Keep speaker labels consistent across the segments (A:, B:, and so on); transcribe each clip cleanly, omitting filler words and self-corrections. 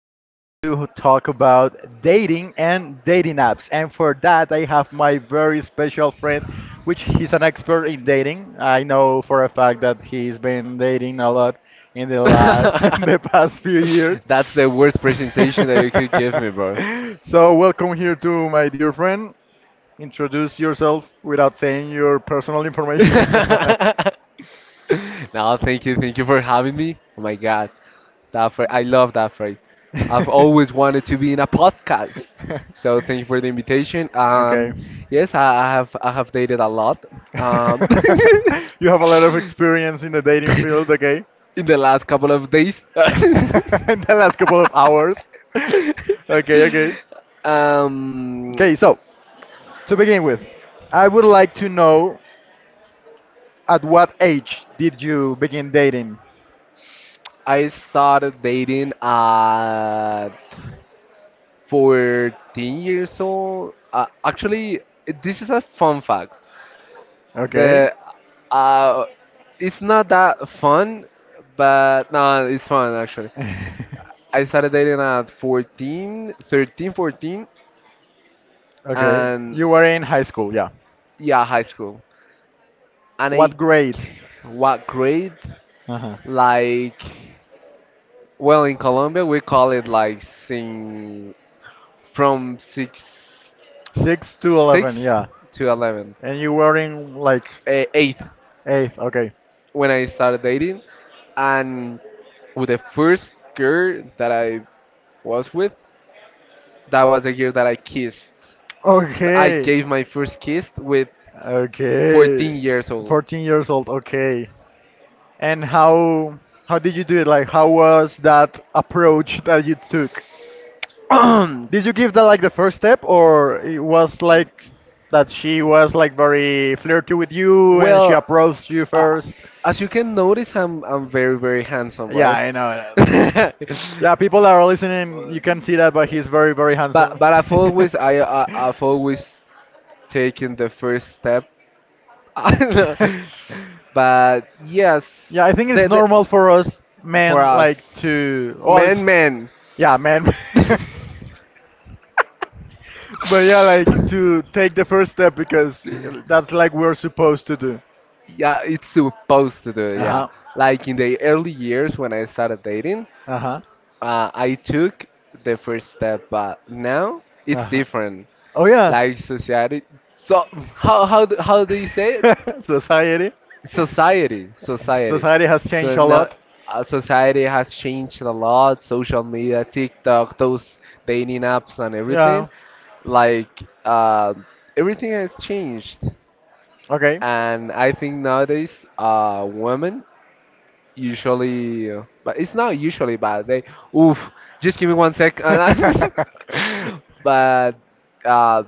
A: we are going to talk about dating and dating apps. And for that, I have my very special friend, which he's an expert in dating. I know for a fact that he's been dating a lot in the last in the past few years.
B: That's the worst presentation that you could give me, bro.
A: So welcome here to my dear friend. Introduce yourself without saying your personal information.
B: No, thank you for having me. Oh my god, that phrase, I love that phrase. I've always wanted to be in a podcast, so thank you for the invitation.
A: Okay.
B: Yes, I have dated a lot. Um,
A: You have a lot of experience in the dating field, okay?
B: in the last couple of days.
A: In the last couple of hours. Okay, okay.
B: um,
A: Okay, so to begin with, I would like to know at what age did you begin dating?
B: I started dating at 14 years old. Actually, this is a fun fact.
A: Okay.
B: The uh, it's not that fun, but no, it's fun actually. I started dating at 14, 13, 14,
A: Okay.
B: and
A: You were in high school, yeah.
B: yeah, high school. And I,
A: What grade?
B: what grade?
A: Uh-huh.
B: Like, well, in Colombia we call it like sing from six.
A: 6 to 11,
B: Six
A: yeah.
B: to 11,
A: And you were in like
B: eight
A: 8th, okay.
B: when I started dating. And with the first girl that I was with, that was the girl that I kissed. I
A: Okay.
B: gave my first kiss with 14
A: Okay.
B: years old.
A: 14 years old. Okay. And how did you do it? Like how was that approach that you took? Did you give that like the first step, or it was like that she was like very flirty with you and she
B: Well,
A: approached you
B: uh,
A: first?
B: as you can notice, I'm very, very handsome,
A: Yeah,
B: right?
A: I know.
B: but
A: Yeah, people that are listening, you can see that, but he's very, very handsome.
B: but I've always taken the first step. I know. But
A: Yeah, I
B: yes,
A: think it's normal for us
B: for
A: men like
B: us,
A: to, well,
B: man,
A: it's
B: man.
A: yeah, men. But yeah, like to take the first step because that's like we're supposed to do.
B: Yeah, it's supposed to do. Yeah,
A: Uh-huh.
B: like in the early years when I started dating,
A: Uh-huh.
B: I took the first step, but now it's
A: Uh-huh.
B: different.
A: Oh yeah.
B: Like society, so how do you say it?
A: Society.
B: Society,
A: Society has changed
B: so
A: a
B: now
A: lot.
B: society has changed a lot. Social media, TikTok, those dating apps and everything,
A: Yeah.
B: like, everything has changed.
A: Okay.
B: And I think nowadays, women usually, but it's not usually, but they oof just give me one sec. And but uh,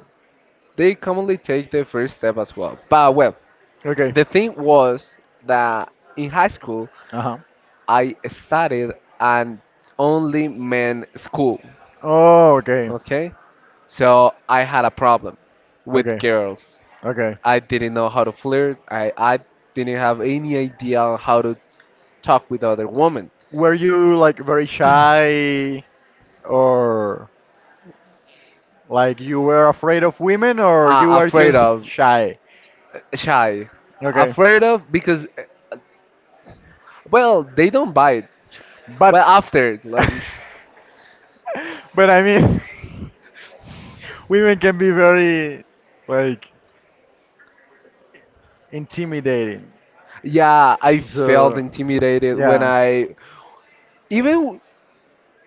B: they commonly take the first step as well, but well,
A: Okay.
B: the thing was that in high school
A: Uh-huh.
B: I studied an only men school,
A: Oh, okay.
B: okay? So I had a problem with
A: Okay.
B: girls.
A: Okay.
B: I didn't know how to flirt. I didn't have any idea on how to talk with other women.
A: Were you like very shy, or like you were afraid of women, or you
B: Uh,
A: were
B: afraid
A: just
B: of,
A: shy?
B: shy.
A: Okay.
B: Afraid of because, well, they don't bite. Well,
A: But
B: after,
A: but I mean women can be very like intimidating.
B: yeah, I felt
A: So,
B: intimidated when
A: yeah.
B: I, even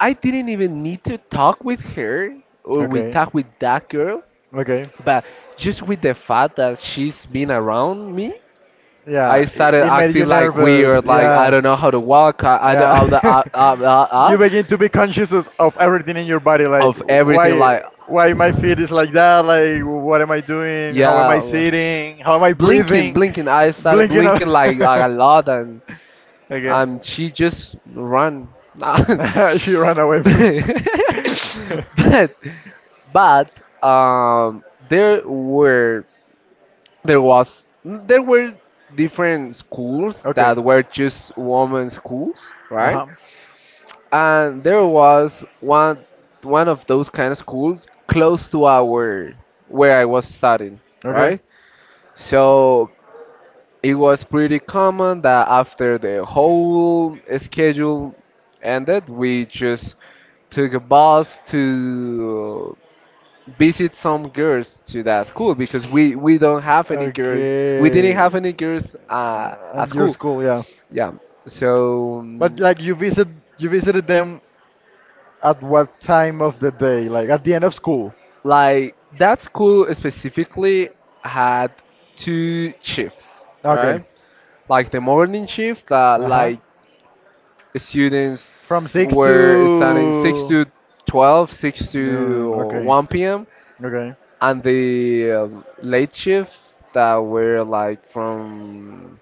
B: I didn't even need to talk with her, or we
A: Okay.
B: talk with that girl.
A: Okay.
B: But just with the fact that she's been around me, I
A: Yeah,
B: started
A: it made
B: acting
A: you
B: like
A: nervous.
B: weird, like I
A: Yeah.
B: don't know how to walk, I don't,
A: Yeah. you begin to be conscious of everything in your body, like
B: of everything,
A: why
B: like
A: why my feet is like that, like what am I doing? How am I
B: yeah,
A: sitting? How am I
B: blinking,
A: breathing?
B: blinking. I started
A: Blinking up.
B: blinking like a lot, and
A: okay.
B: she just run. but
A: she ran away from me.
B: but there were there was there were different schools that
A: okay.
B: were just women schools, right?
A: Uh-huh.
B: And there was one of those kind of schools close to our, where I was studying,
A: Okay.
B: right? So it was pretty common that after the whole schedule ended, we just took a bus to visit some girls to that school, because we don't have any girls we didn't
A: Okay.
B: have any girls at
A: And your
B: school.
A: school, yeah.
B: Yeah, so
A: But like you visited them at what time of the day? Like at the end of school.
B: like that school specifically had two shifts,
A: Okay.
B: right? Like the morning shift, that
A: Uh-huh.
B: like
A: From
B: students
A: 6
B: were starting 6
A: to
B: to 12, six to
A: noon. Okay.
B: 1 p.m.,
A: Okay.
B: and the late shift, that were like from,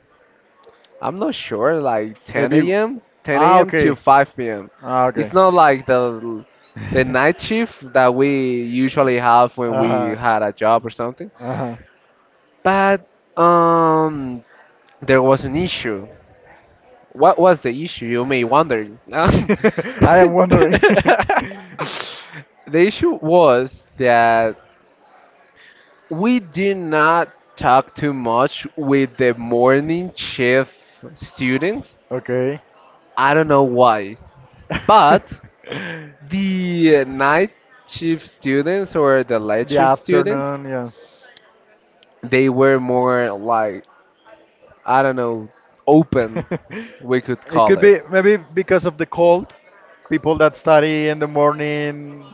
B: I'm not sure, like
A: Maybe.
B: 10 a.m., 10
A: Ah,
B: a.m. to
A: okay.
B: 5 p.m.
A: Ah,
B: It's
A: okay.
B: not like the night shift that we usually have when we
A: Uh-huh.
B: had a job or something.
A: Uh-huh.
B: But um, there was an issue. What was the issue? You may wonder. The
A: I am wondering.
B: issue was that we did not talk too much with the morning shift students.
A: Okay.
B: I don't know why, but the night shift students, or the light
A: The
B: shift students,
A: afternoon, yeah.
B: they were more like, I don't know, open, we could
A: It
B: call
A: could
B: it.
A: be maybe because of the cold. People that study in the morning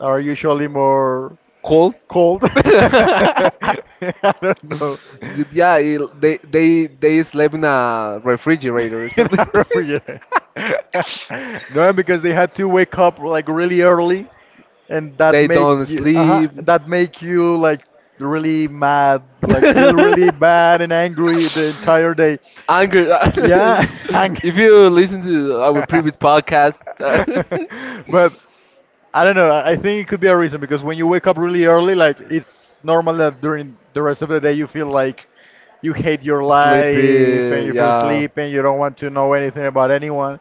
A: are usually more
B: Cold?
A: cold. I don't know.
B: Yeah, they sleep in a refrigerator or
A: in
B: something.
A: our refrigerator. no, because they had to wake up like really early, and that
B: They
A: make
B: don't
A: you uh-huh,
B: sleep.
A: that make you like really mad, like feel really bad and angry the entire day.
B: Anger.
A: Yeah, hang.
B: If you listen to our previous podcast,
A: but I don't know. I think it could be a reason because when you wake up really early, like it's normal that during the rest of the day you feel like you hate your life and
B: sleepy,
A: you feel
B: yeah,
A: sleepy and you don't want to know anything about anyone.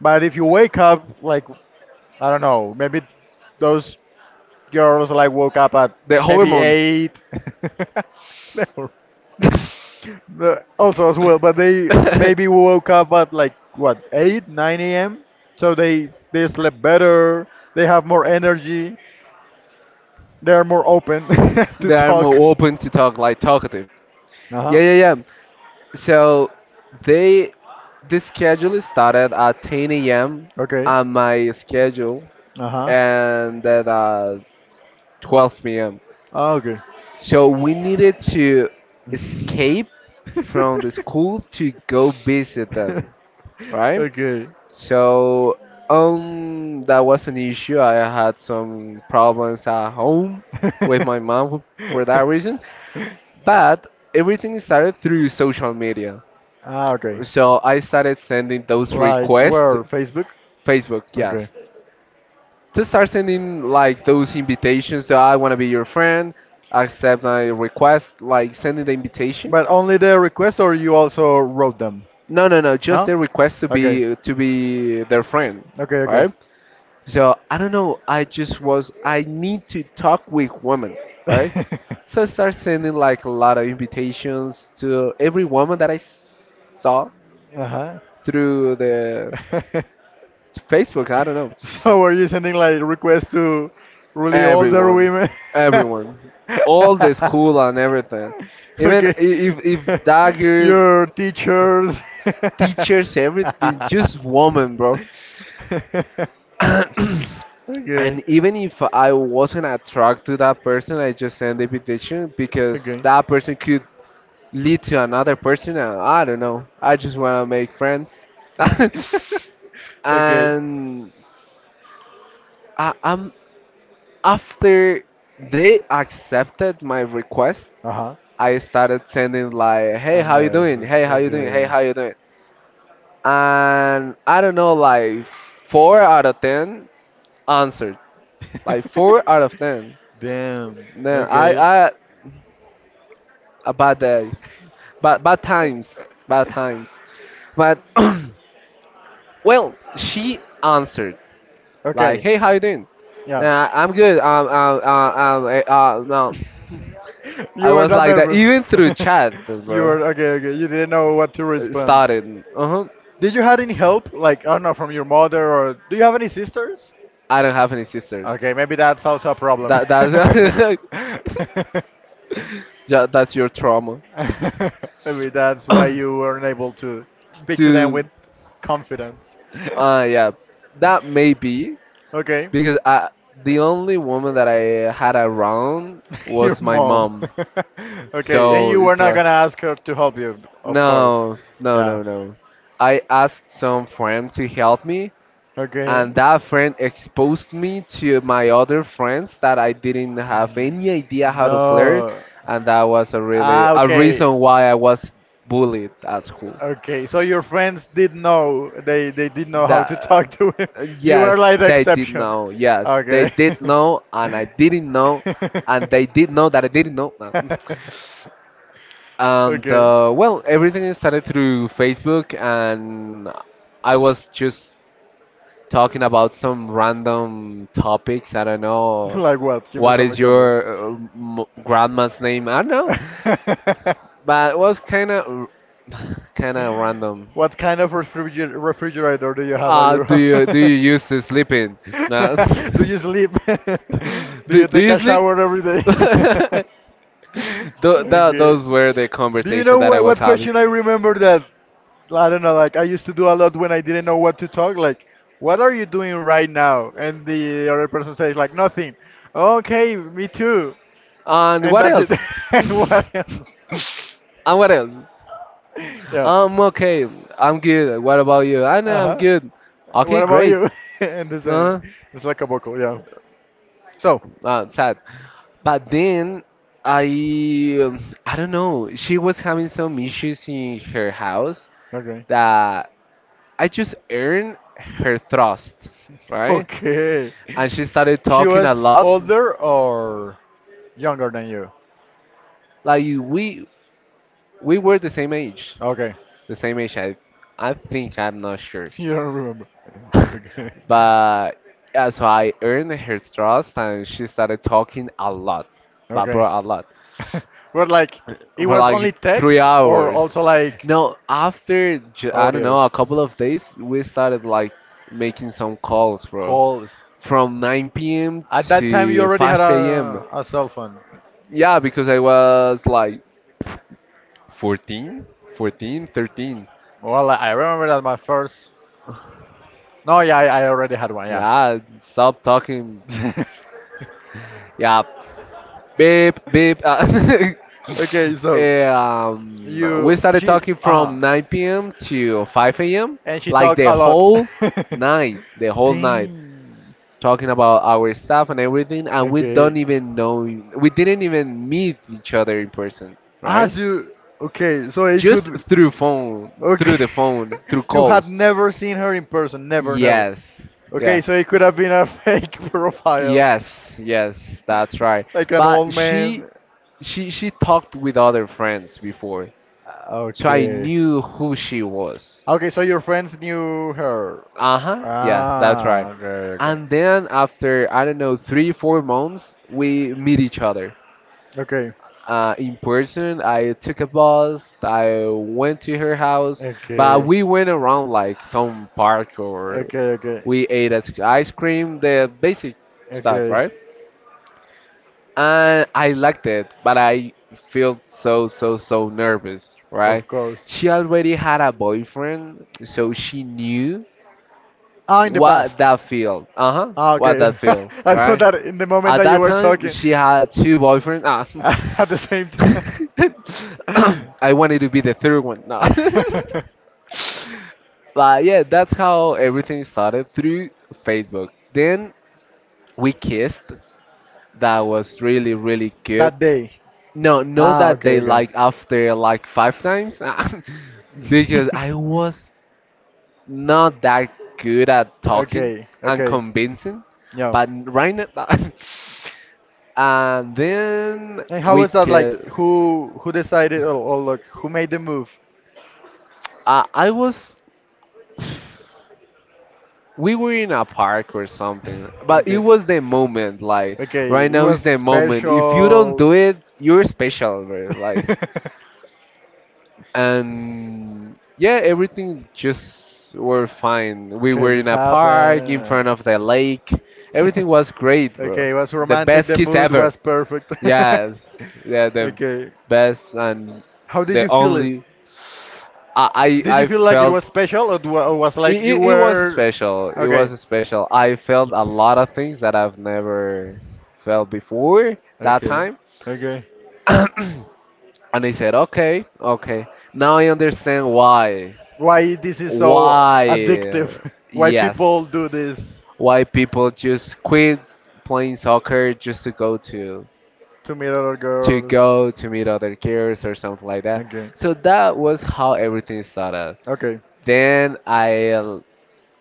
A: But if you wake up, like I don't know, maybe those girls like woke up at
B: the
A: maybe
B: hormones.
A: 8. No. The- also as well, but they
B: They
A: maybe woke up at like what, 8, 9 a.m. So they slept better. They have more energy. They are more open to
B: are
A: talk.
B: more open to talk, like talkative.
A: Uh huh.
B: Yeah, yeah, yeah. So they the schedule started at 10 a.m.
A: Okay.
B: and my schedule
A: Uh huh.
B: ended at 12 p.m.
A: Ah, okay.
B: So we needed to escape from the school to go visit them, right?
A: okay.
B: So that was an issue. I had some problems at home with my mom for that reason, but everything started through social media.
A: ah, okay.
B: So I started sending those
A: Like
B: requests.
A: where? Facebook?
B: Facebook,
A: Okay.
B: yes. To start sending like those invitations. So I want to be your friend. Accept my request. Like sending the invitation.
A: But only the request, or you also wrote them?
B: No, no, no. Just
A: No?
B: a request to
A: Okay.
B: be their friend,
A: Okay, okay.
B: right? So I don't know. I just was. I need to talk with women, right? So I start sending like a lot of invitations to every woman that I saw
A: uh huh.
B: through the Facebook. I don't know.
A: so, were you sending like requests to really older
B: Everyone,
A: women?
B: everyone, all the school and everything. Even
A: Okay.
B: if if dagger
A: Your teachers.
B: teachers, everything. Just woman, bro.
A: Okay.
B: And even if I wasn't attracted to that person, I just send the invitation because
A: Okay.
B: that person could lead to another person. And I don't know. I just wanna make friends.
A: Okay.
B: And I, I'm after they accepted my request,
A: Uh-huh.
B: I started sending like, "Hey,
A: A
B: how you doing?
A: message.
B: Hey, how you doing? Hey,
A: Okay.
B: how you doing?" And I don't know, like four out of ten answered. Like four out of ten.
A: Damn.
B: Then I,
A: Okay.
B: I a bad day, bad bad times, bad times. But well, she answered like,
A: Okay.
B: "Hey, how you doing?"
A: Yeah.
B: Nah, I'm good. No. I
A: You were
B: was
A: that
B: like that
A: nervous.
B: even through chat,
A: You
B: bro.
A: were okay, okay. You didn't know what to
B: It
A: respond.
B: started. Uh huh.
A: Did you had any help? Like, I don't know, from your mother or do you have any sisters?
B: I don't have any sisters.
A: Okay, maybe that's also a problem.
B: That that's Yeah, that's your trauma.
A: Maybe that's why you weren't able to speak to them with
B: Dude,
A: confidence.
B: yeah, that may be
A: Okay,
B: because I, the only woman that I had around
A: your
B: was my
A: mom.
B: mom.
A: Okay, and
B: So
A: you were
B: it's
A: not
B: like,
A: gonna ask her to help you, of course.
B: no, no,
A: Yeah.
B: no, no. I asked some friend to help me,
A: Okay.
B: and that friend exposed me to my other friends that I didn't have
A: Mm,
B: any idea how to flirt,
A: no.
B: and that was a really
A: Ah,
B: a
A: okay.
B: reason why I was bullied at school.
A: Okay, so your friends did know, they did know how to
B: That,
A: talk to him. You were
B: yes,
A: like the
B: they did
A: exception.
B: know. Yes, they
A: Okay.
B: did know, and I didn't know, and they did know that I didn't know. No. And
A: Okay.
B: well, everything started through Facebook, and I was just talking about some random topics. I don't know
A: Like what? Give me
B: what
A: some
B: is your
A: example.
B: grandma's name. I don't know, but it was kind of random.
A: What kind of refrigerator do you have at
B: Uh,
A: your
B: do
A: home?
B: you do you use to sleeping? No.
A: Do you sleep? Do
B: Do,
A: you
B: do
A: take
B: you
A: a
B: sleep?
A: shower every day?
B: Tho- tho-
A: Okay.
B: Those were the
A: Do you
B: conversation
A: know
B: that I was
A: what
B: having.
A: question I remember that I don't know, like I used to do a lot when I didn't know what to talk, like, what are you doing right now? And the other person says like nothing. Okay, me too.
B: And
A: And
B: what
A: that's it.
B: else?
A: What else?
B: And what else?
A: Yeah.
B: I'm okay, I'm good. What about you? I know I'm
A: Uh-huh.
B: good. Okay,
A: What about
B: great.
A: you? And this,
B: Uh,
A: it's like a buckle, yeah. So,
B: sad. But then I don't know. She was having some issues in her house
A: okay.
B: that I just earned her trust, right?
A: Okay.
B: And she started
A: She
B: talking a
A: was
B: lot.
A: older or younger than you?
B: Like we, We were the same age.
A: Okay.
B: The same age. I think I'm not sure.
A: You don't remember. Okay.
B: But yeah, so I earned her trust and she started talking a lot. But bro,
A: Okay.
B: a lot.
A: But like, it
B: For
A: was only
B: like
A: text
B: three
A: or
B: hours.
A: also like
B: No, after I don't know, a
A: audios,
B: couple of days, we started like making some calls, bro.
A: calls.
B: From 9 p.m.
A: At that time, you
B: to
A: already had
B: 5 a.m.
A: a cell phone.
B: Yeah, because I was like 14, 14, 13.
A: Well, I remember that my first. No, yeah, I already had one, yeah.
B: Yeah, stop talking. Yeah, beep, beep.
A: Okay, so
B: We
A: you
B: started
A: she
B: talking from
A: uh-huh.
B: 9 p.m. to 5 a.m.
A: And she
B: Like
A: talked a lot.
B: the whole night,
A: Dang.
B: talking about our stuff and everything. And we don't
A: Okay.
B: even know, we didn't even meet each other in person,
A: Ah,
B: right?
A: so okay, so
B: Just through phone,
A: okay.
B: through the phone, through
A: You had
B: calls.
A: never seen her in person, never, never.
B: Yes,
A: Okay,
B: yeah.
A: so it could have been a fake profile,
B: Yes, yes, that's right.
A: like an old
B: But she
A: man.
B: she she talked with other friends before. So I
A: Okay.
B: knew who she was.
A: Okay, so your friends knew her.
B: Uh huh. Yeah, that's right.
A: Ah, okay, okay.
B: And then after I don't know 3 or 4 months, we meet each other.
A: Okay.
B: In person, I took a bus. I went to her house, but
A: Okay.
B: we went around like some park, or
A: Okay, okay.
B: we ate ice cream, the basic stuff,
A: Okay.
B: right? And I liked it, but I felt so so so nervous, right?
A: Of course.
B: She already had a boyfriend, so she knew
A: Ah, in the
B: what
A: past.
B: that feel, uh-huh,
A: Ah,
B: what
A: okay.
B: that feel,
A: I thought
B: right?
A: that in the moment
B: At
A: that you
B: that
A: were
B: time
A: talking,
B: she had two boyfriends, ah.
A: at the same time,
B: I wanted to be the third one. No. But yeah, that's how everything started through Facebook. Then we kissed. That was really really good.
A: that day.
B: No, no,
A: Ah,
B: that
A: okay,
B: day,
A: okay.
B: like after like five times. Because I was not that good at talking
A: Okay,
B: and
A: okay.
B: convincing.
A: Yeah.
B: But right now. And then
A: And how
B: we
A: was that, like
B: could,
A: who decided, or like who made the move?
B: I was, we were in a park or something, but it
A: Okay.
B: was the moment. Like right
A: Okay, it
B: now
A: was
B: is the moment. If you don't
A: special.
B: do it, you're special, bro. Like and yeah, everything just were fine. We
A: Okay,
B: were in
A: just
B: a
A: happened.
B: park in front of the lake. Everything was great, bro.
A: Okay, it was
B: The
A: romantic.
B: best
A: The
B: kiss
A: mood
B: ever.
A: was perfect.
B: Yes, yeah, the
A: Okay.
B: best and
A: How did
B: the
A: you feel it?
B: only.
A: Did you
B: I
A: feel like it was
B: felt
A: special, or, do, or was like
B: It,
A: you
B: it, it was
A: were
B: special. It
A: okay?
B: was special. I felt a lot of things that I've never felt before that
A: Okay.
B: time.
A: Okay.
B: And I said, okay, okay. Now I understand why.
A: Why this is so addictive?
B: Why,
A: Why
B: yes.
A: people do this
B: Why people just quit playing soccer just to go to
A: to meet other
B: to
A: girls?
B: go to meet other girls or something like that.
A: Okay.
B: So that was how everything started.
A: Okay.
B: Then I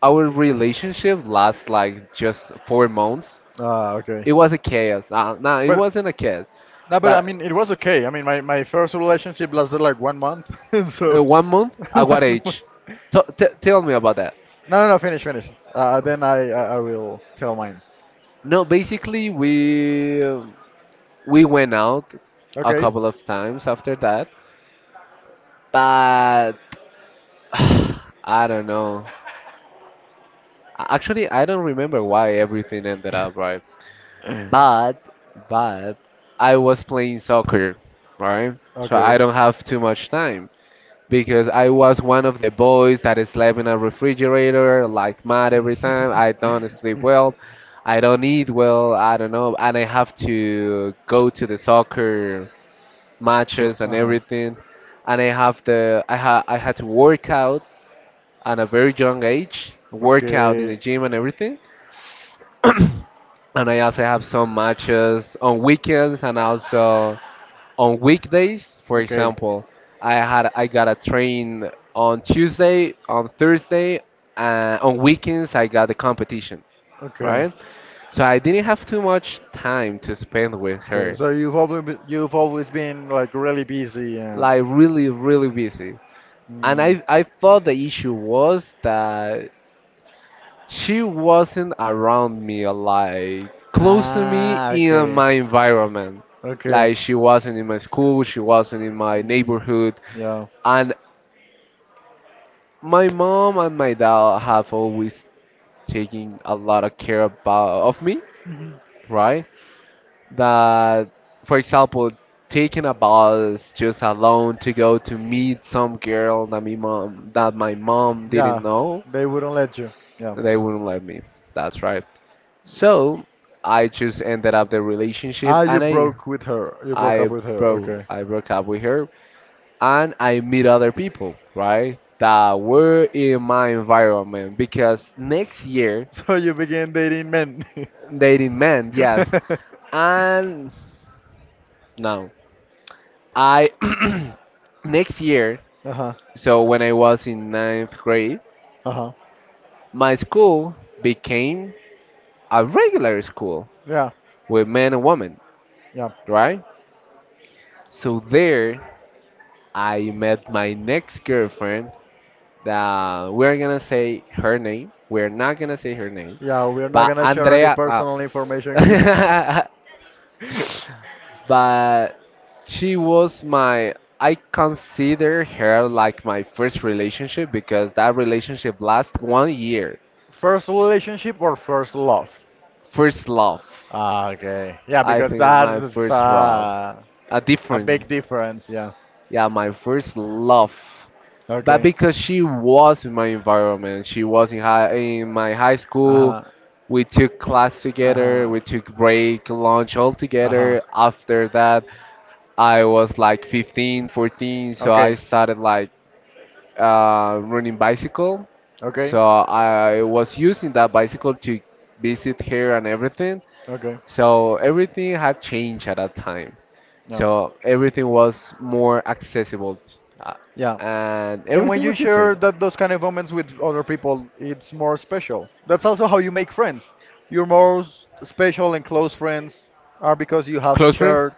B: Our relationship lasts like just 4 months.
A: Ah, okay.
B: It was a chaos. No, it
A: But
B: wasn't a chaos.
A: no, but I
B: But
A: mean, it was okay. I mean, my first relationship lasted like 1 month, so
B: 1 month, at what
A: 1 month.
B: age? Tell me about that.
A: No, no, no. Finish, finish. Then I will tell mine.
B: No, basically we we went out a
A: Okay.
B: couple of times after that, but I don't know. Actually, I don't remember why everything ended up right. But but I was playing soccer, right? So I
A: Okay.
B: don't have too much time, because I was one of the boys that slept in a refrigerator like mad every time. I don't sleep well. I don't eat well. I don't know. And I have to go to the soccer matches and
A: uh-huh.
B: everything. And I have the I ha I had to work out at a very young age, work out in the
A: Okay,
B: gym and everything. And I also have some matches on weekends and also on weekdays. For
A: okay,
B: example, I got a train on Tuesday, on Thursday, on weekends I got a competition,
A: okay,
B: right? So I didn't have too much time to spend with
A: okay.
B: her.
A: So you've always been like really busy, and
B: Like really, really busy. And
A: mm,
B: I thought the issue was that she wasn't around me or like close to me
A: ah,
B: in
A: okay,
B: my environment.
A: okay,
B: Like she wasn't in my school, she wasn't in my
A: mm,
B: neighborhood.
A: yeah,
B: And my mom and my dad have always taken a lot of care about of me, right? That, for example, taking a bus just alone to go to meet some girl that my mom
A: yeah.
B: didn't know,
A: They wouldn't let you. Yeah.
B: they wouldn't let me. That's right. So I just ended up the relationship,
A: Ah, you
B: and
A: broke with her. You broke up
B: I
A: with her.
B: broke
A: Okay.
B: I broke up with her, and I meet other people, right? That were in my environment because next year.
A: So you began dating men.
B: Dating man, yes. And no, I next year.
A: Uh-huh.
B: So when I was in ninth grade,
A: Uh-huh.
B: my school became a regular school
A: Yeah.
B: with men and women,
A: Yeah.
B: right? So there, I met my next girlfriend. That we're gonna say her name. We're not gonna say her name,
A: Yeah, we're not
B: but
A: gonna share any
B: Andrea.
A: personal information here.
B: But she was my, I consider her like my first relationship because that relationship lasted 1 year.
A: First relationship or first love?
B: First love.
A: Ah, okay. Yeah,
B: I
A: because
B: think my
A: that's
B: first love. A
A: a
B: difference.
A: big difference. Yeah.
B: Yeah, my first love. But
A: Okay.
B: because she was in my environment, she was in high in my high
A: Uh
B: school.
A: huh.
B: We took class
A: Uh
B: together,
A: huh.
B: we took break, lunch all
A: Uh huh.
B: together. After that, I was like 15, 14, so I
A: Okay.
B: started like running bicycle.
A: Okay.
B: So I was using that bicycle to visit here and everything.
A: Okay.
B: So everything had changed at that time.
A: Yeah.
B: So everything was more accessible, uh,
A: Yeah.
B: and
A: And when
B: everything
A: you
B: was
A: share
B: different.
A: that those kind of moments with other people, it's more special. That's also how you make friends. Your most special and close friends are because you have
B: Close friends,
A: shared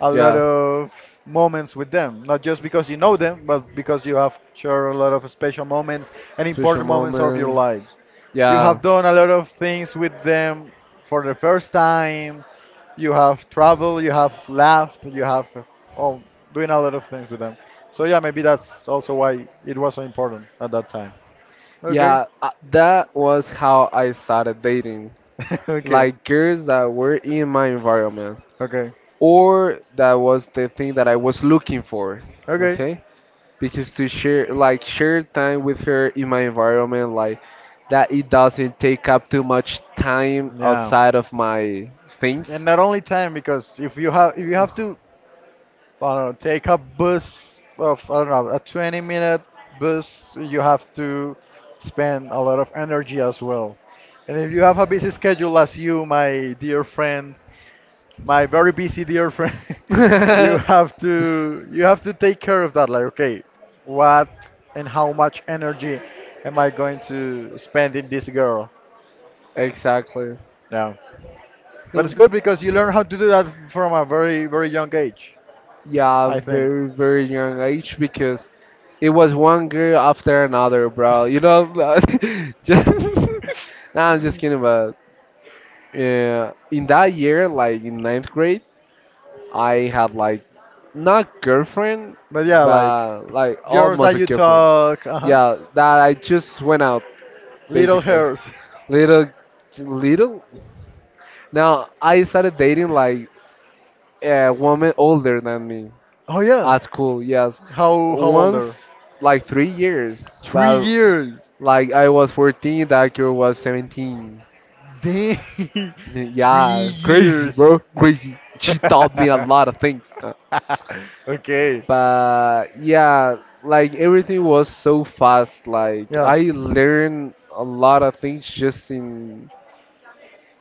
A: a lot
B: yeah.
A: of moments with them, not just because you know them, but because you have shared a lot of special moments and
B: Special
A: important moments of your
B: moment,
A: lives. You
B: yeah,
A: have done a lot of things with them for the first time. You have traveled, you have laughed, you have all doing a lot of things with them. So yeah, maybe that's also why it was so important at that time. Okay,
B: yeah. That was how I started dating,
A: okay,
B: like girls that were in my environment,
A: okay,
B: or that was the thing that I was looking for.
A: okay.
B: Okay, because to share time with her in my environment, like that, it doesn't take up too much time
A: Yeah,
B: outside of my things.
A: and not only time, because if you have to, I don't know, take a bus of, I don't know, a 20-minute bus, you have to spend a lot of energy as well. And if you have a busy schedule as you, my dear friend, my very busy dear friend, you have to you have to take care of that. Like, okay, what and how much energy am I going to spend in this girl?
B: Exactly.
A: Yeah. But it's
B: Um,
A: good because you learn how to do that from a very, very young age,
B: yeah,
A: I think.
B: very very young age, because it was one girl after another, bro, you know. Just nah, I'm just kidding, but yeah, in that year, like in ninth grade, I had like not girlfriend
A: But yeah, like
B: but like
A: girls
B: almost
A: that
B: a
A: you
B: girlfriend.
A: talk, uh-huh.
B: Yeah, that I just went out
A: Little
B: basically.
A: hairs.
B: Little, little. Now I started dating like a woman older than me
A: Oh yeah.
B: at school. Yes,
A: How older?
B: once like 3 years,
A: Three
B: but
A: years.
B: like I was 14, that girl was 17.
A: Dang. Three
B: Yeah, crazy, bro,
A: years.
B: crazy. She taught me a lot of things.
A: okay.
B: But yeah, like everything was so fast. Like
A: Yeah.
B: I learned a lot of things just in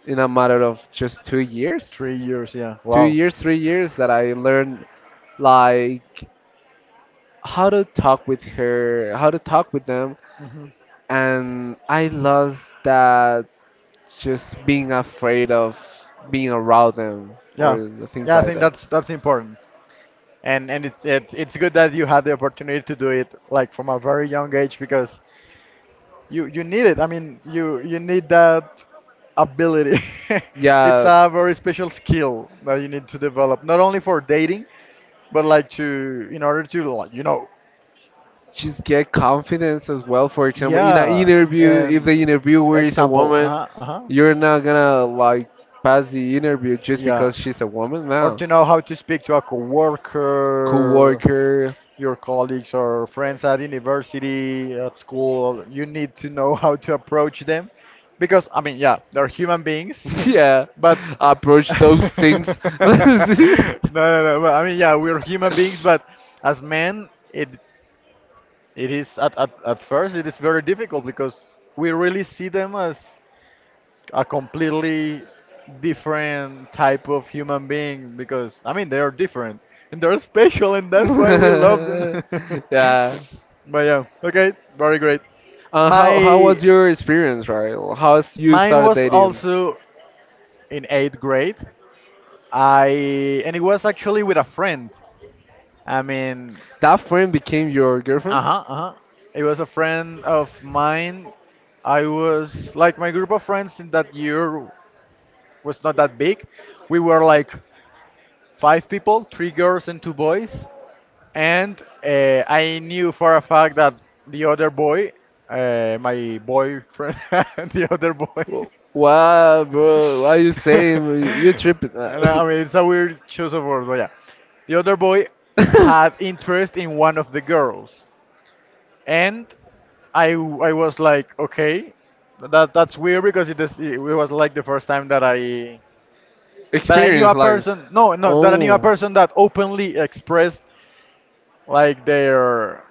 B: in a matter of just 2 years,
A: 3 years. Yeah.
B: two
A: Wow.
B: years, 3 years, that I learned like how to talk with her, how to talk with them,
A: hmm
B: and I lost that, just being afraid of being around them
A: Yeah.
B: or things
A: Yeah. I
B: like
A: think
B: that.
A: that's important. And it's good that you had the opportunity to do it like from a very young age because you need it. I mean, you need that ability. It's
B: Yeah,
A: a very special skill that you need to develop, not only for dating, but like to in order to like,
B: just get confidence as well. For example, in an
A: yeah,
B: interview, if
A: and
B: the interviewer is a
A: example,
B: woman,
A: uh-huh, uh-huh.
B: you're not gonna like pass the interview just
A: Yeah.
B: because she's a woman
A: Or
B: now.
A: to know how to speak to a coworker,
B: Coworker.
A: your colleagues or friends at university, at school. You need to know how to approach them because, I mean, yeah, they're human beings,
B: Yeah,
A: but
B: approach those things.
A: no, no, no. But, I mean, yeah, we're human beings, but as men, it is at first. It is very difficult because we really see them as a completely different type of human being because, I mean, they are different and they're special, and that's why we love them.
B: Yeah.
A: But yeah, okay, very great.
B: And how was
A: My
B: your experience, right? You
A: Mine
B: started
A: was
B: dating?
A: also in eighth grade. I and it was actually with a friend. I mean,
B: That friend became your girlfriend?
A: uh huh, uh huh. It was a friend of mine. I was like, my group of friends in that year was not that big. We were like five people, three girls and two boys. And I knew for a fact that the other boy, my boyfriend, the other boy.
B: Wh- Wow, bro, what are you saying? You tripping?
A: And, I mean, it's a weird choice of words, but yeah. The other boy had interest in one of the girls. And I was like, okay, that's weird because it was like the first time that I knew
B: Experience,
A: a
B: like,
A: person. No, no, that I knew a
B: oh,
A: person that openly expressed like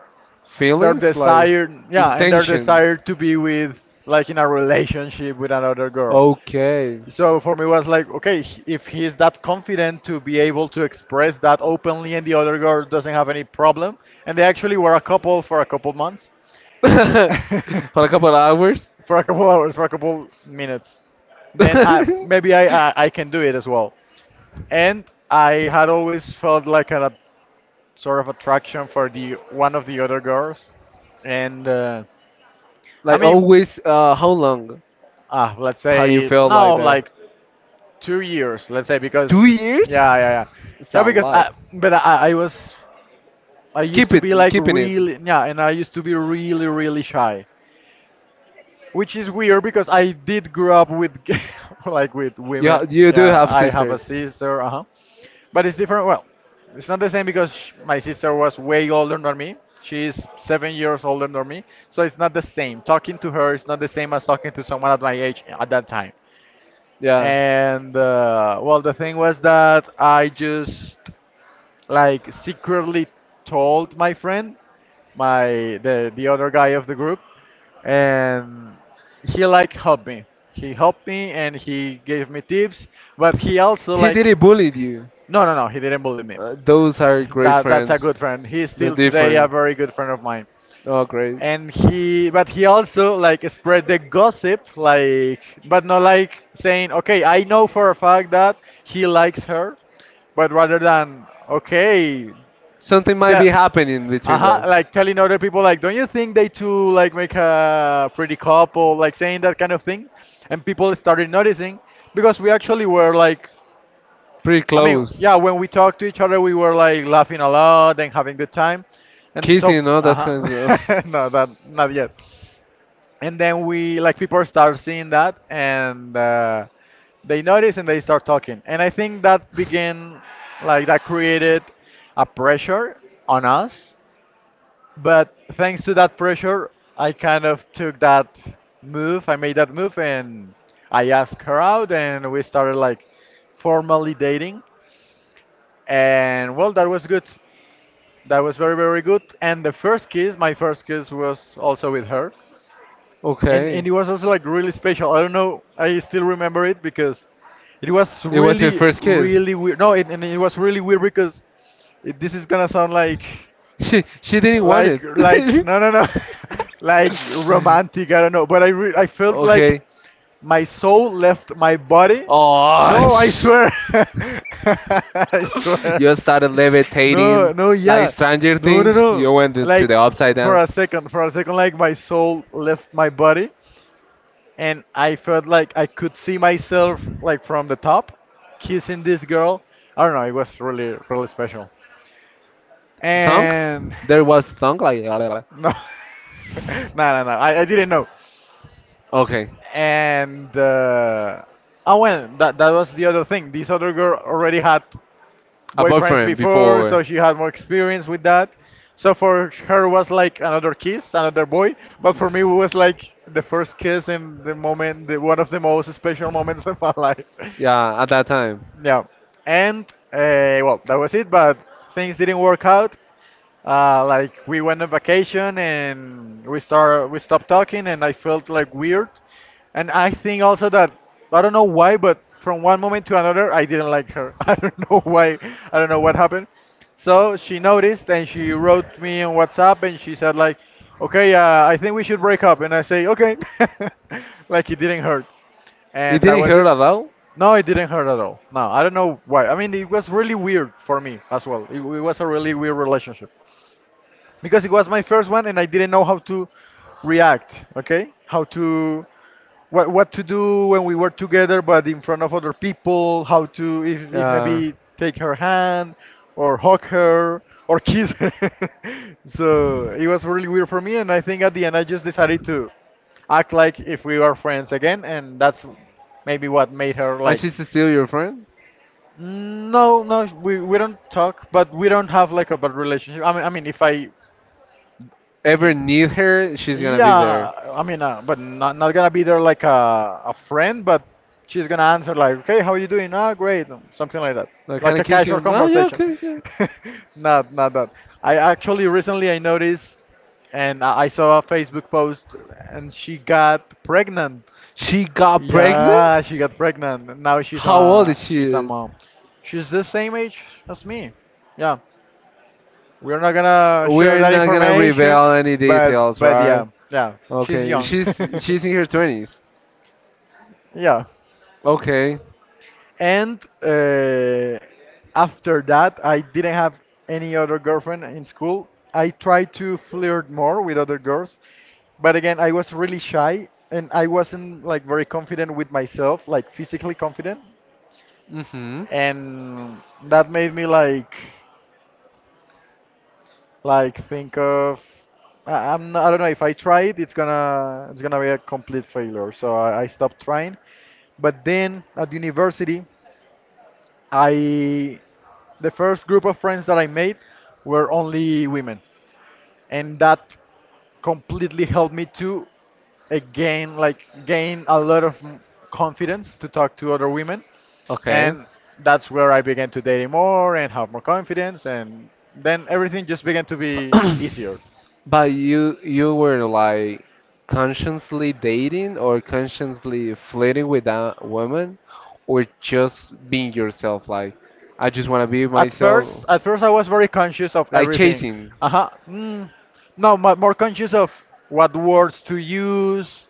A: their
B: feelings, like,
A: desire, yeah, and their
B: intentions.
A: desire to be with like in a relationship with another girl.
B: Okay.
A: So for me was like, okay, if he's that confident to be able to express that openly, and the other girl doesn't have any problem, and they actually were a couple for a couple months,
B: For a couple of hours.
A: for a couple hours, for a couple minutes, then I maybe I can do it as well. And I had always felt like a sort of attraction for the one of the other girls, and I
B: Like
A: mean,
B: always, how long?
A: let's
B: How you
A: say,
B: felt
A: no,
B: like that?
A: like 2 years, let's say,
B: Two
A: because
B: years?
A: yeah, yeah, yeah,
B: It's
A: yeah,
B: a
A: because
B: lot.
A: I was. I used
B: Keep
A: to be
B: it,
A: like
B: keeping it.
A: really, yeah, and I used to be really, really shy, which is weird because I did grow up with like with
B: You ha-
A: women.
B: you do
A: Yeah,
B: have
A: I have a
B: sisters.
A: sister, uh huh. But it's different. Well, it's not the same because sh my sister was way older than me. She's 7 years older than me. So it's not the same. Talking to her is not the same as talking to someone at my age at that time.
B: Yeah.
A: And well, the thing was that I just like secretly told my friend, my the other guy of the group, and he like helped me. He helped me and he gave me tips, but he also
B: He
A: like
B: didn't bully you.
A: no, no, no, he didn't bully me.
B: Those are great
A: That's a
B: friends.
A: good friend. He's
B: The
A: still today a
B: different.
A: very good friend of mine.
B: Oh, great.
A: And he, but he also like spread the gossip, like, but not like saying, "Okay, I know for a fact that he likes her." But rather than, "Okay,
B: Something might
A: tell
B: be happening between
A: uh-huh,"
B: them.
A: like telling other people like, "Don't you think they two like make a pretty couple?" Like saying that kind of thing. And people started noticing because we actually were like,
B: Pretty
A: I mean,
B: close.
A: yeah, when we talked to each other, we were like laughing a lot and having good time. And so,
B: Kissing, no? That's kind of.
A: uh-huh. No, that not yet. And then we like people start seeing that and they notice and they start talking. And I think that began, like that created a pressure on us. But thanks to that pressure, I kind of took that move. I made that move and I asked her out, and we started like formally dating. And well, that was good. That was very, very good. And the first kiss, my first kiss was also with her.
B: Okay.
A: And it was also like really special. I don't know, I still remember it because it was
B: It was your
A: really,
B: first kiss.
A: really weird. No, it, And it was really weird because this is gonna sound like
B: She didn't want it.
A: no, no, no, like romantic. I don't know, but I felt like
B: Okay.
A: my soul left my body.
B: Oh,
A: No, I
B: sh!
A: swear, I swear.
B: You started levitating
A: No, no,
B: like
A: yeah,
B: Stranger
A: no, no,
B: Things. You
A: no.
B: went to
A: Like
B: the upside down.
A: for a second, like my soul left my body, and I felt like I could see myself like from the top, kissing this girl. I don't know. It was really, really special.
B: Thunk?
A: And.
B: There was thunk like.
A: No, no, no, no. I didn't know.
B: Okay.
A: And oh well, that was the other thing. This other girl already had
B: A
A: boyfriends
B: boyfriend
A: before, so
B: before.
A: she had more experience with that. So for her was like another kiss, another boy. But for me, it was like the first kiss and one of the most special moments of my life.
B: Yeah, at that time.
A: Yeah, and well, that was it. But things didn't work out. Like we went on vacation, and we stopped talking, and I felt like weird. And I think also that I don't know why, but from one moment to another, I didn't like her. I don't know why. I don't know what happened. So she noticed and she wrote me on WhatsApp and she said like, "Okay, I think we should break up." And I say, "Okay," like it didn't hurt,
B: It
A: and that
B: didn't
A: was
B: hurt
A: it.
B: at all.
A: No, it didn't hurt at all. No, I don't know why. I mean, it was really weird for me as well. It was a really weird relationship because it was my first one, and I didn't know how to react. Okay, how to what to do when we were together, but in front of other people. How to, if
B: Uh,
A: maybe take her hand or hug her or kiss her. So it was really weird for me, and I think at the end I just decided to act like if we were friends again, and that's maybe what made her
B: and
A: like
B: she's still your friend.
A: no, no, we don't talk, but we don't have like a bad relationship. I mean, if
B: Ever
A: in,
B: need her, she's gonna be there.
A: yeah, I mean, but not not gonna be there like a friend, but she's gonna answer like, okay, how you doing? Ah, great, something like that,
B: So can
A: like
B: I
A: a
B: kiss you?
A: casual
B: No, yeah,
A: conversation.
B: okay. Yeah.
A: Not not that. I actually Recently I noticed, and I saw a Facebook post, and she got pregnant.
B: She got pregnant?
A: Yeah, she got pregnant. And Now
B: How old is she
A: she's a
B: is?
A: mom. She's the same age as me. Yeah, we're not gonna share
B: We're
A: that
B: not gonna
A: information,
B: reveal any details,
A: but
B: right?
A: yeah, yeah, she's
B: Okay,
A: young.
B: she's in her twenties.
A: Yeah.
B: Okay.
A: And after that, I didn't have any other girlfriend in school. I tried to flirt more with other girls, but again, I was really shy and I wasn't like very confident with myself, like physically confident.
B: Mm-hmm.
A: And that made me like think of I'm not, I don't know if I try it, it's gonna be a complete failure. So I stopped trying, but then at university I the first group of friends that I made were only women, and that completely helped me to again like gain a lot of confidence to talk to other women.
B: Okay.
A: And that's where I began to date more and have more confidence, and then everything just began to be easier.
B: But you were like consciously dating or consciously flirting with that woman, or just being yourself, like I just want to be
A: At first,
B: myself,
A: at first I was very conscious of
B: like
A: everything.
B: chasing.
A: uh-huh mm, no, more conscious of what words to use,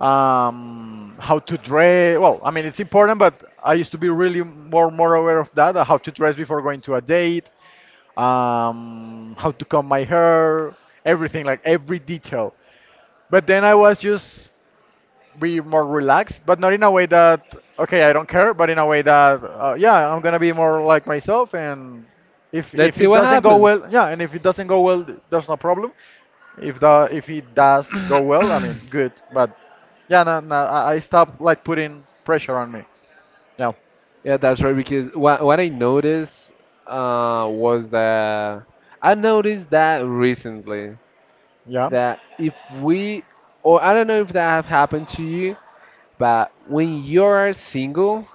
A: how to dress. Well, I mean, it's important, but I used to be really more aware of that. How to dress before going to a date, how to comb my hair, everything, like every detail. But then I was just be more relaxed, but not in a way that okay, I don't care, but in a way that yeah, I'm gonna be more like myself, and
B: Let's
A: if
B: see
A: it
B: what
A: doesn't go
B: happens.
A: well, yeah, and if it doesn't go well, there's no problem. If the if it does go well, I mean, good, but yeah, no, no, I stopped like putting pressure on me. Yeah,
B: Yeah, that's right, because what I noticed, was that I noticed that recently,
A: yeah.
B: that if we, or I don't know if that have happened to you, but when you're single,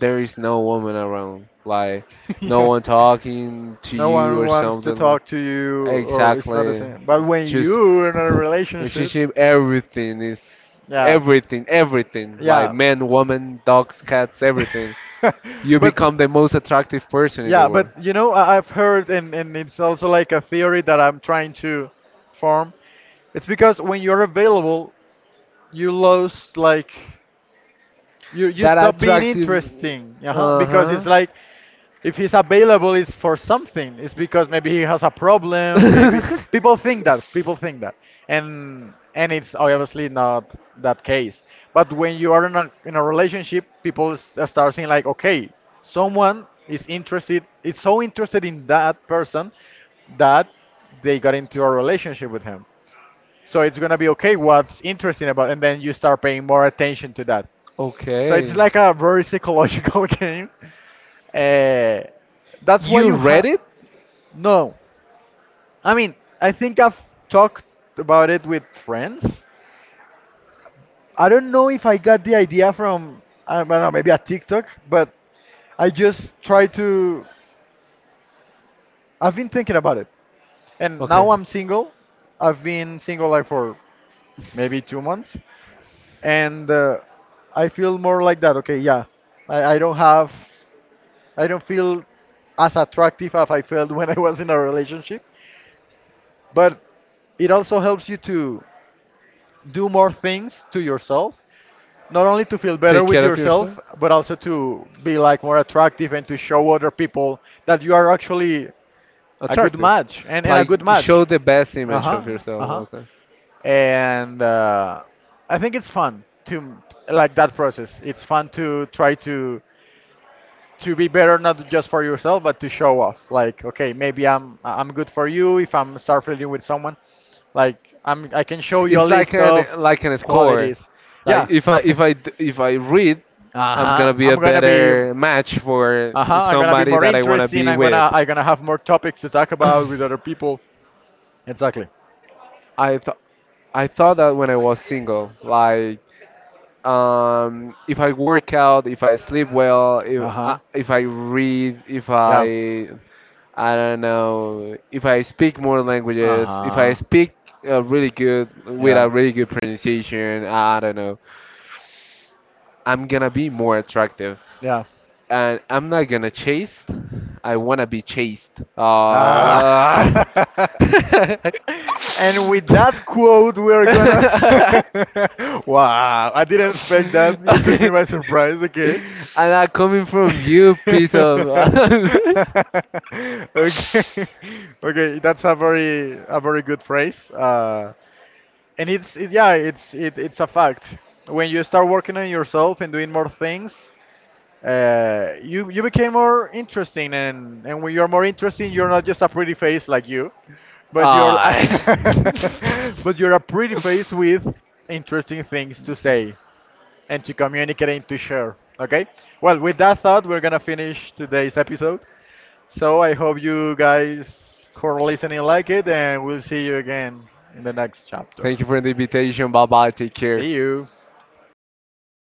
B: there is no woman around. Like no
A: Yeah.
B: one talking to
A: No
B: you
A: one
B: or
A: wants to
B: something.
A: talk to you, or it's not the
B: Exactly.
A: same. But when
B: Just
A: you're in a relationship,
B: relationship everything is,
A: yeah,
B: everything, everything. Like
A: yeah.
B: men, women, dogs, cats, everything. You
A: But
B: become the most attractive person in the
A: yeah, but
B: world.
A: you know, I've heard, and it's also like a theory that I'm trying to form. It's because when you're available, you lose like you
B: That
A: stop being
B: attractive,
A: interesting, uh-huh, because it's
B: uh-huh.
A: like, if he's available, it's for something. It's because maybe he has a problem, maybe. People think that. And it's obviously not that case. But when you are in in a relationship, people start saying like, okay, someone is interested. It's so interested in that person that they got into a relationship with him, so it's gonna be okay, what's interesting about, and then you start paying more attention to that. So it's
B: Okay.
A: like a very psychological game, uh, that's why
B: You
A: you
B: read
A: have.
B: it?
A: No, I mean, I think I've talked about it with friends. I don't know if I got the idea from, I don't know, maybe a TikTok, but I just try to. I've been thinking about it. And
B: Okay.
A: now I'm single. I've been single like for maybe 2 months. And I feel more like that. Okay, yeah. I don't have. I don't feel as attractive as I felt when I was in a relationship, but it also helps you to do more things to yourself, not only to feel better
B: Take
A: with
B: care of yourself.
A: yourself, but also to be like more attractive and to show other people that you are actually a good
B: Attractive.
A: match and a
B: Like
A: good
B: show
A: match.
B: the best image
A: Uh-huh,
B: of
A: uh-huh.
B: yourself. Okay.
A: And I think it's fun to like that process. It's fun to try to be better, not just for yourself, but to show off like, okay, maybe I'm good for you if I'm start flirting with someone. Like I can show you a
B: It's
A: list of
B: like an score.
A: qualities. Yeah.
B: Like if I if I if I read, I'm
A: Uh-huh,
B: gonna be
A: I'm
B: a
A: gonna be
B: better match for
A: uh-huh, I'm gonna be
B: somebody
A: more
B: that I wanna
A: interesting.
B: be
A: I'm
B: with.
A: gonna I'm gonna have more topics to talk about with other people. Exactly.
B: I th I thought that when I was single, like if I work out, if I sleep well,
A: Uh-huh,
B: if I read, if
A: yeah,
B: I, I don't know, if I speak more languages, if I
A: uh-huh,
B: speak really good with
A: yeah,
B: a really good pronunciation, I don't know, I'm gonna be more attractive,
A: yeah,
B: and I'm not gonna chase. I wanna be chased.
A: ah.
B: Ah. And
A: And with that quote, we're gonna. Wow, I didn't expect that. You took me by surprise, okay?
B: I'm coming from you, piece of.
A: Okay, okay, that's a very good phrase. And it's yeah, it's it's a fact. When you start working on yourself and doing more things, you you became more interesting. And when you're more interesting, you're not just a pretty face like you, but you're
B: Ah.
A: but you're a pretty face with interesting things to say and to communicate and to share. Okay, well, with that thought, we're gonna finish today's episode. So I hope you guys who are listening like it, and we'll see you again in the next
B: Thank
A: chapter.
B: you for the invitation. Bye bye. Take care.
A: See you.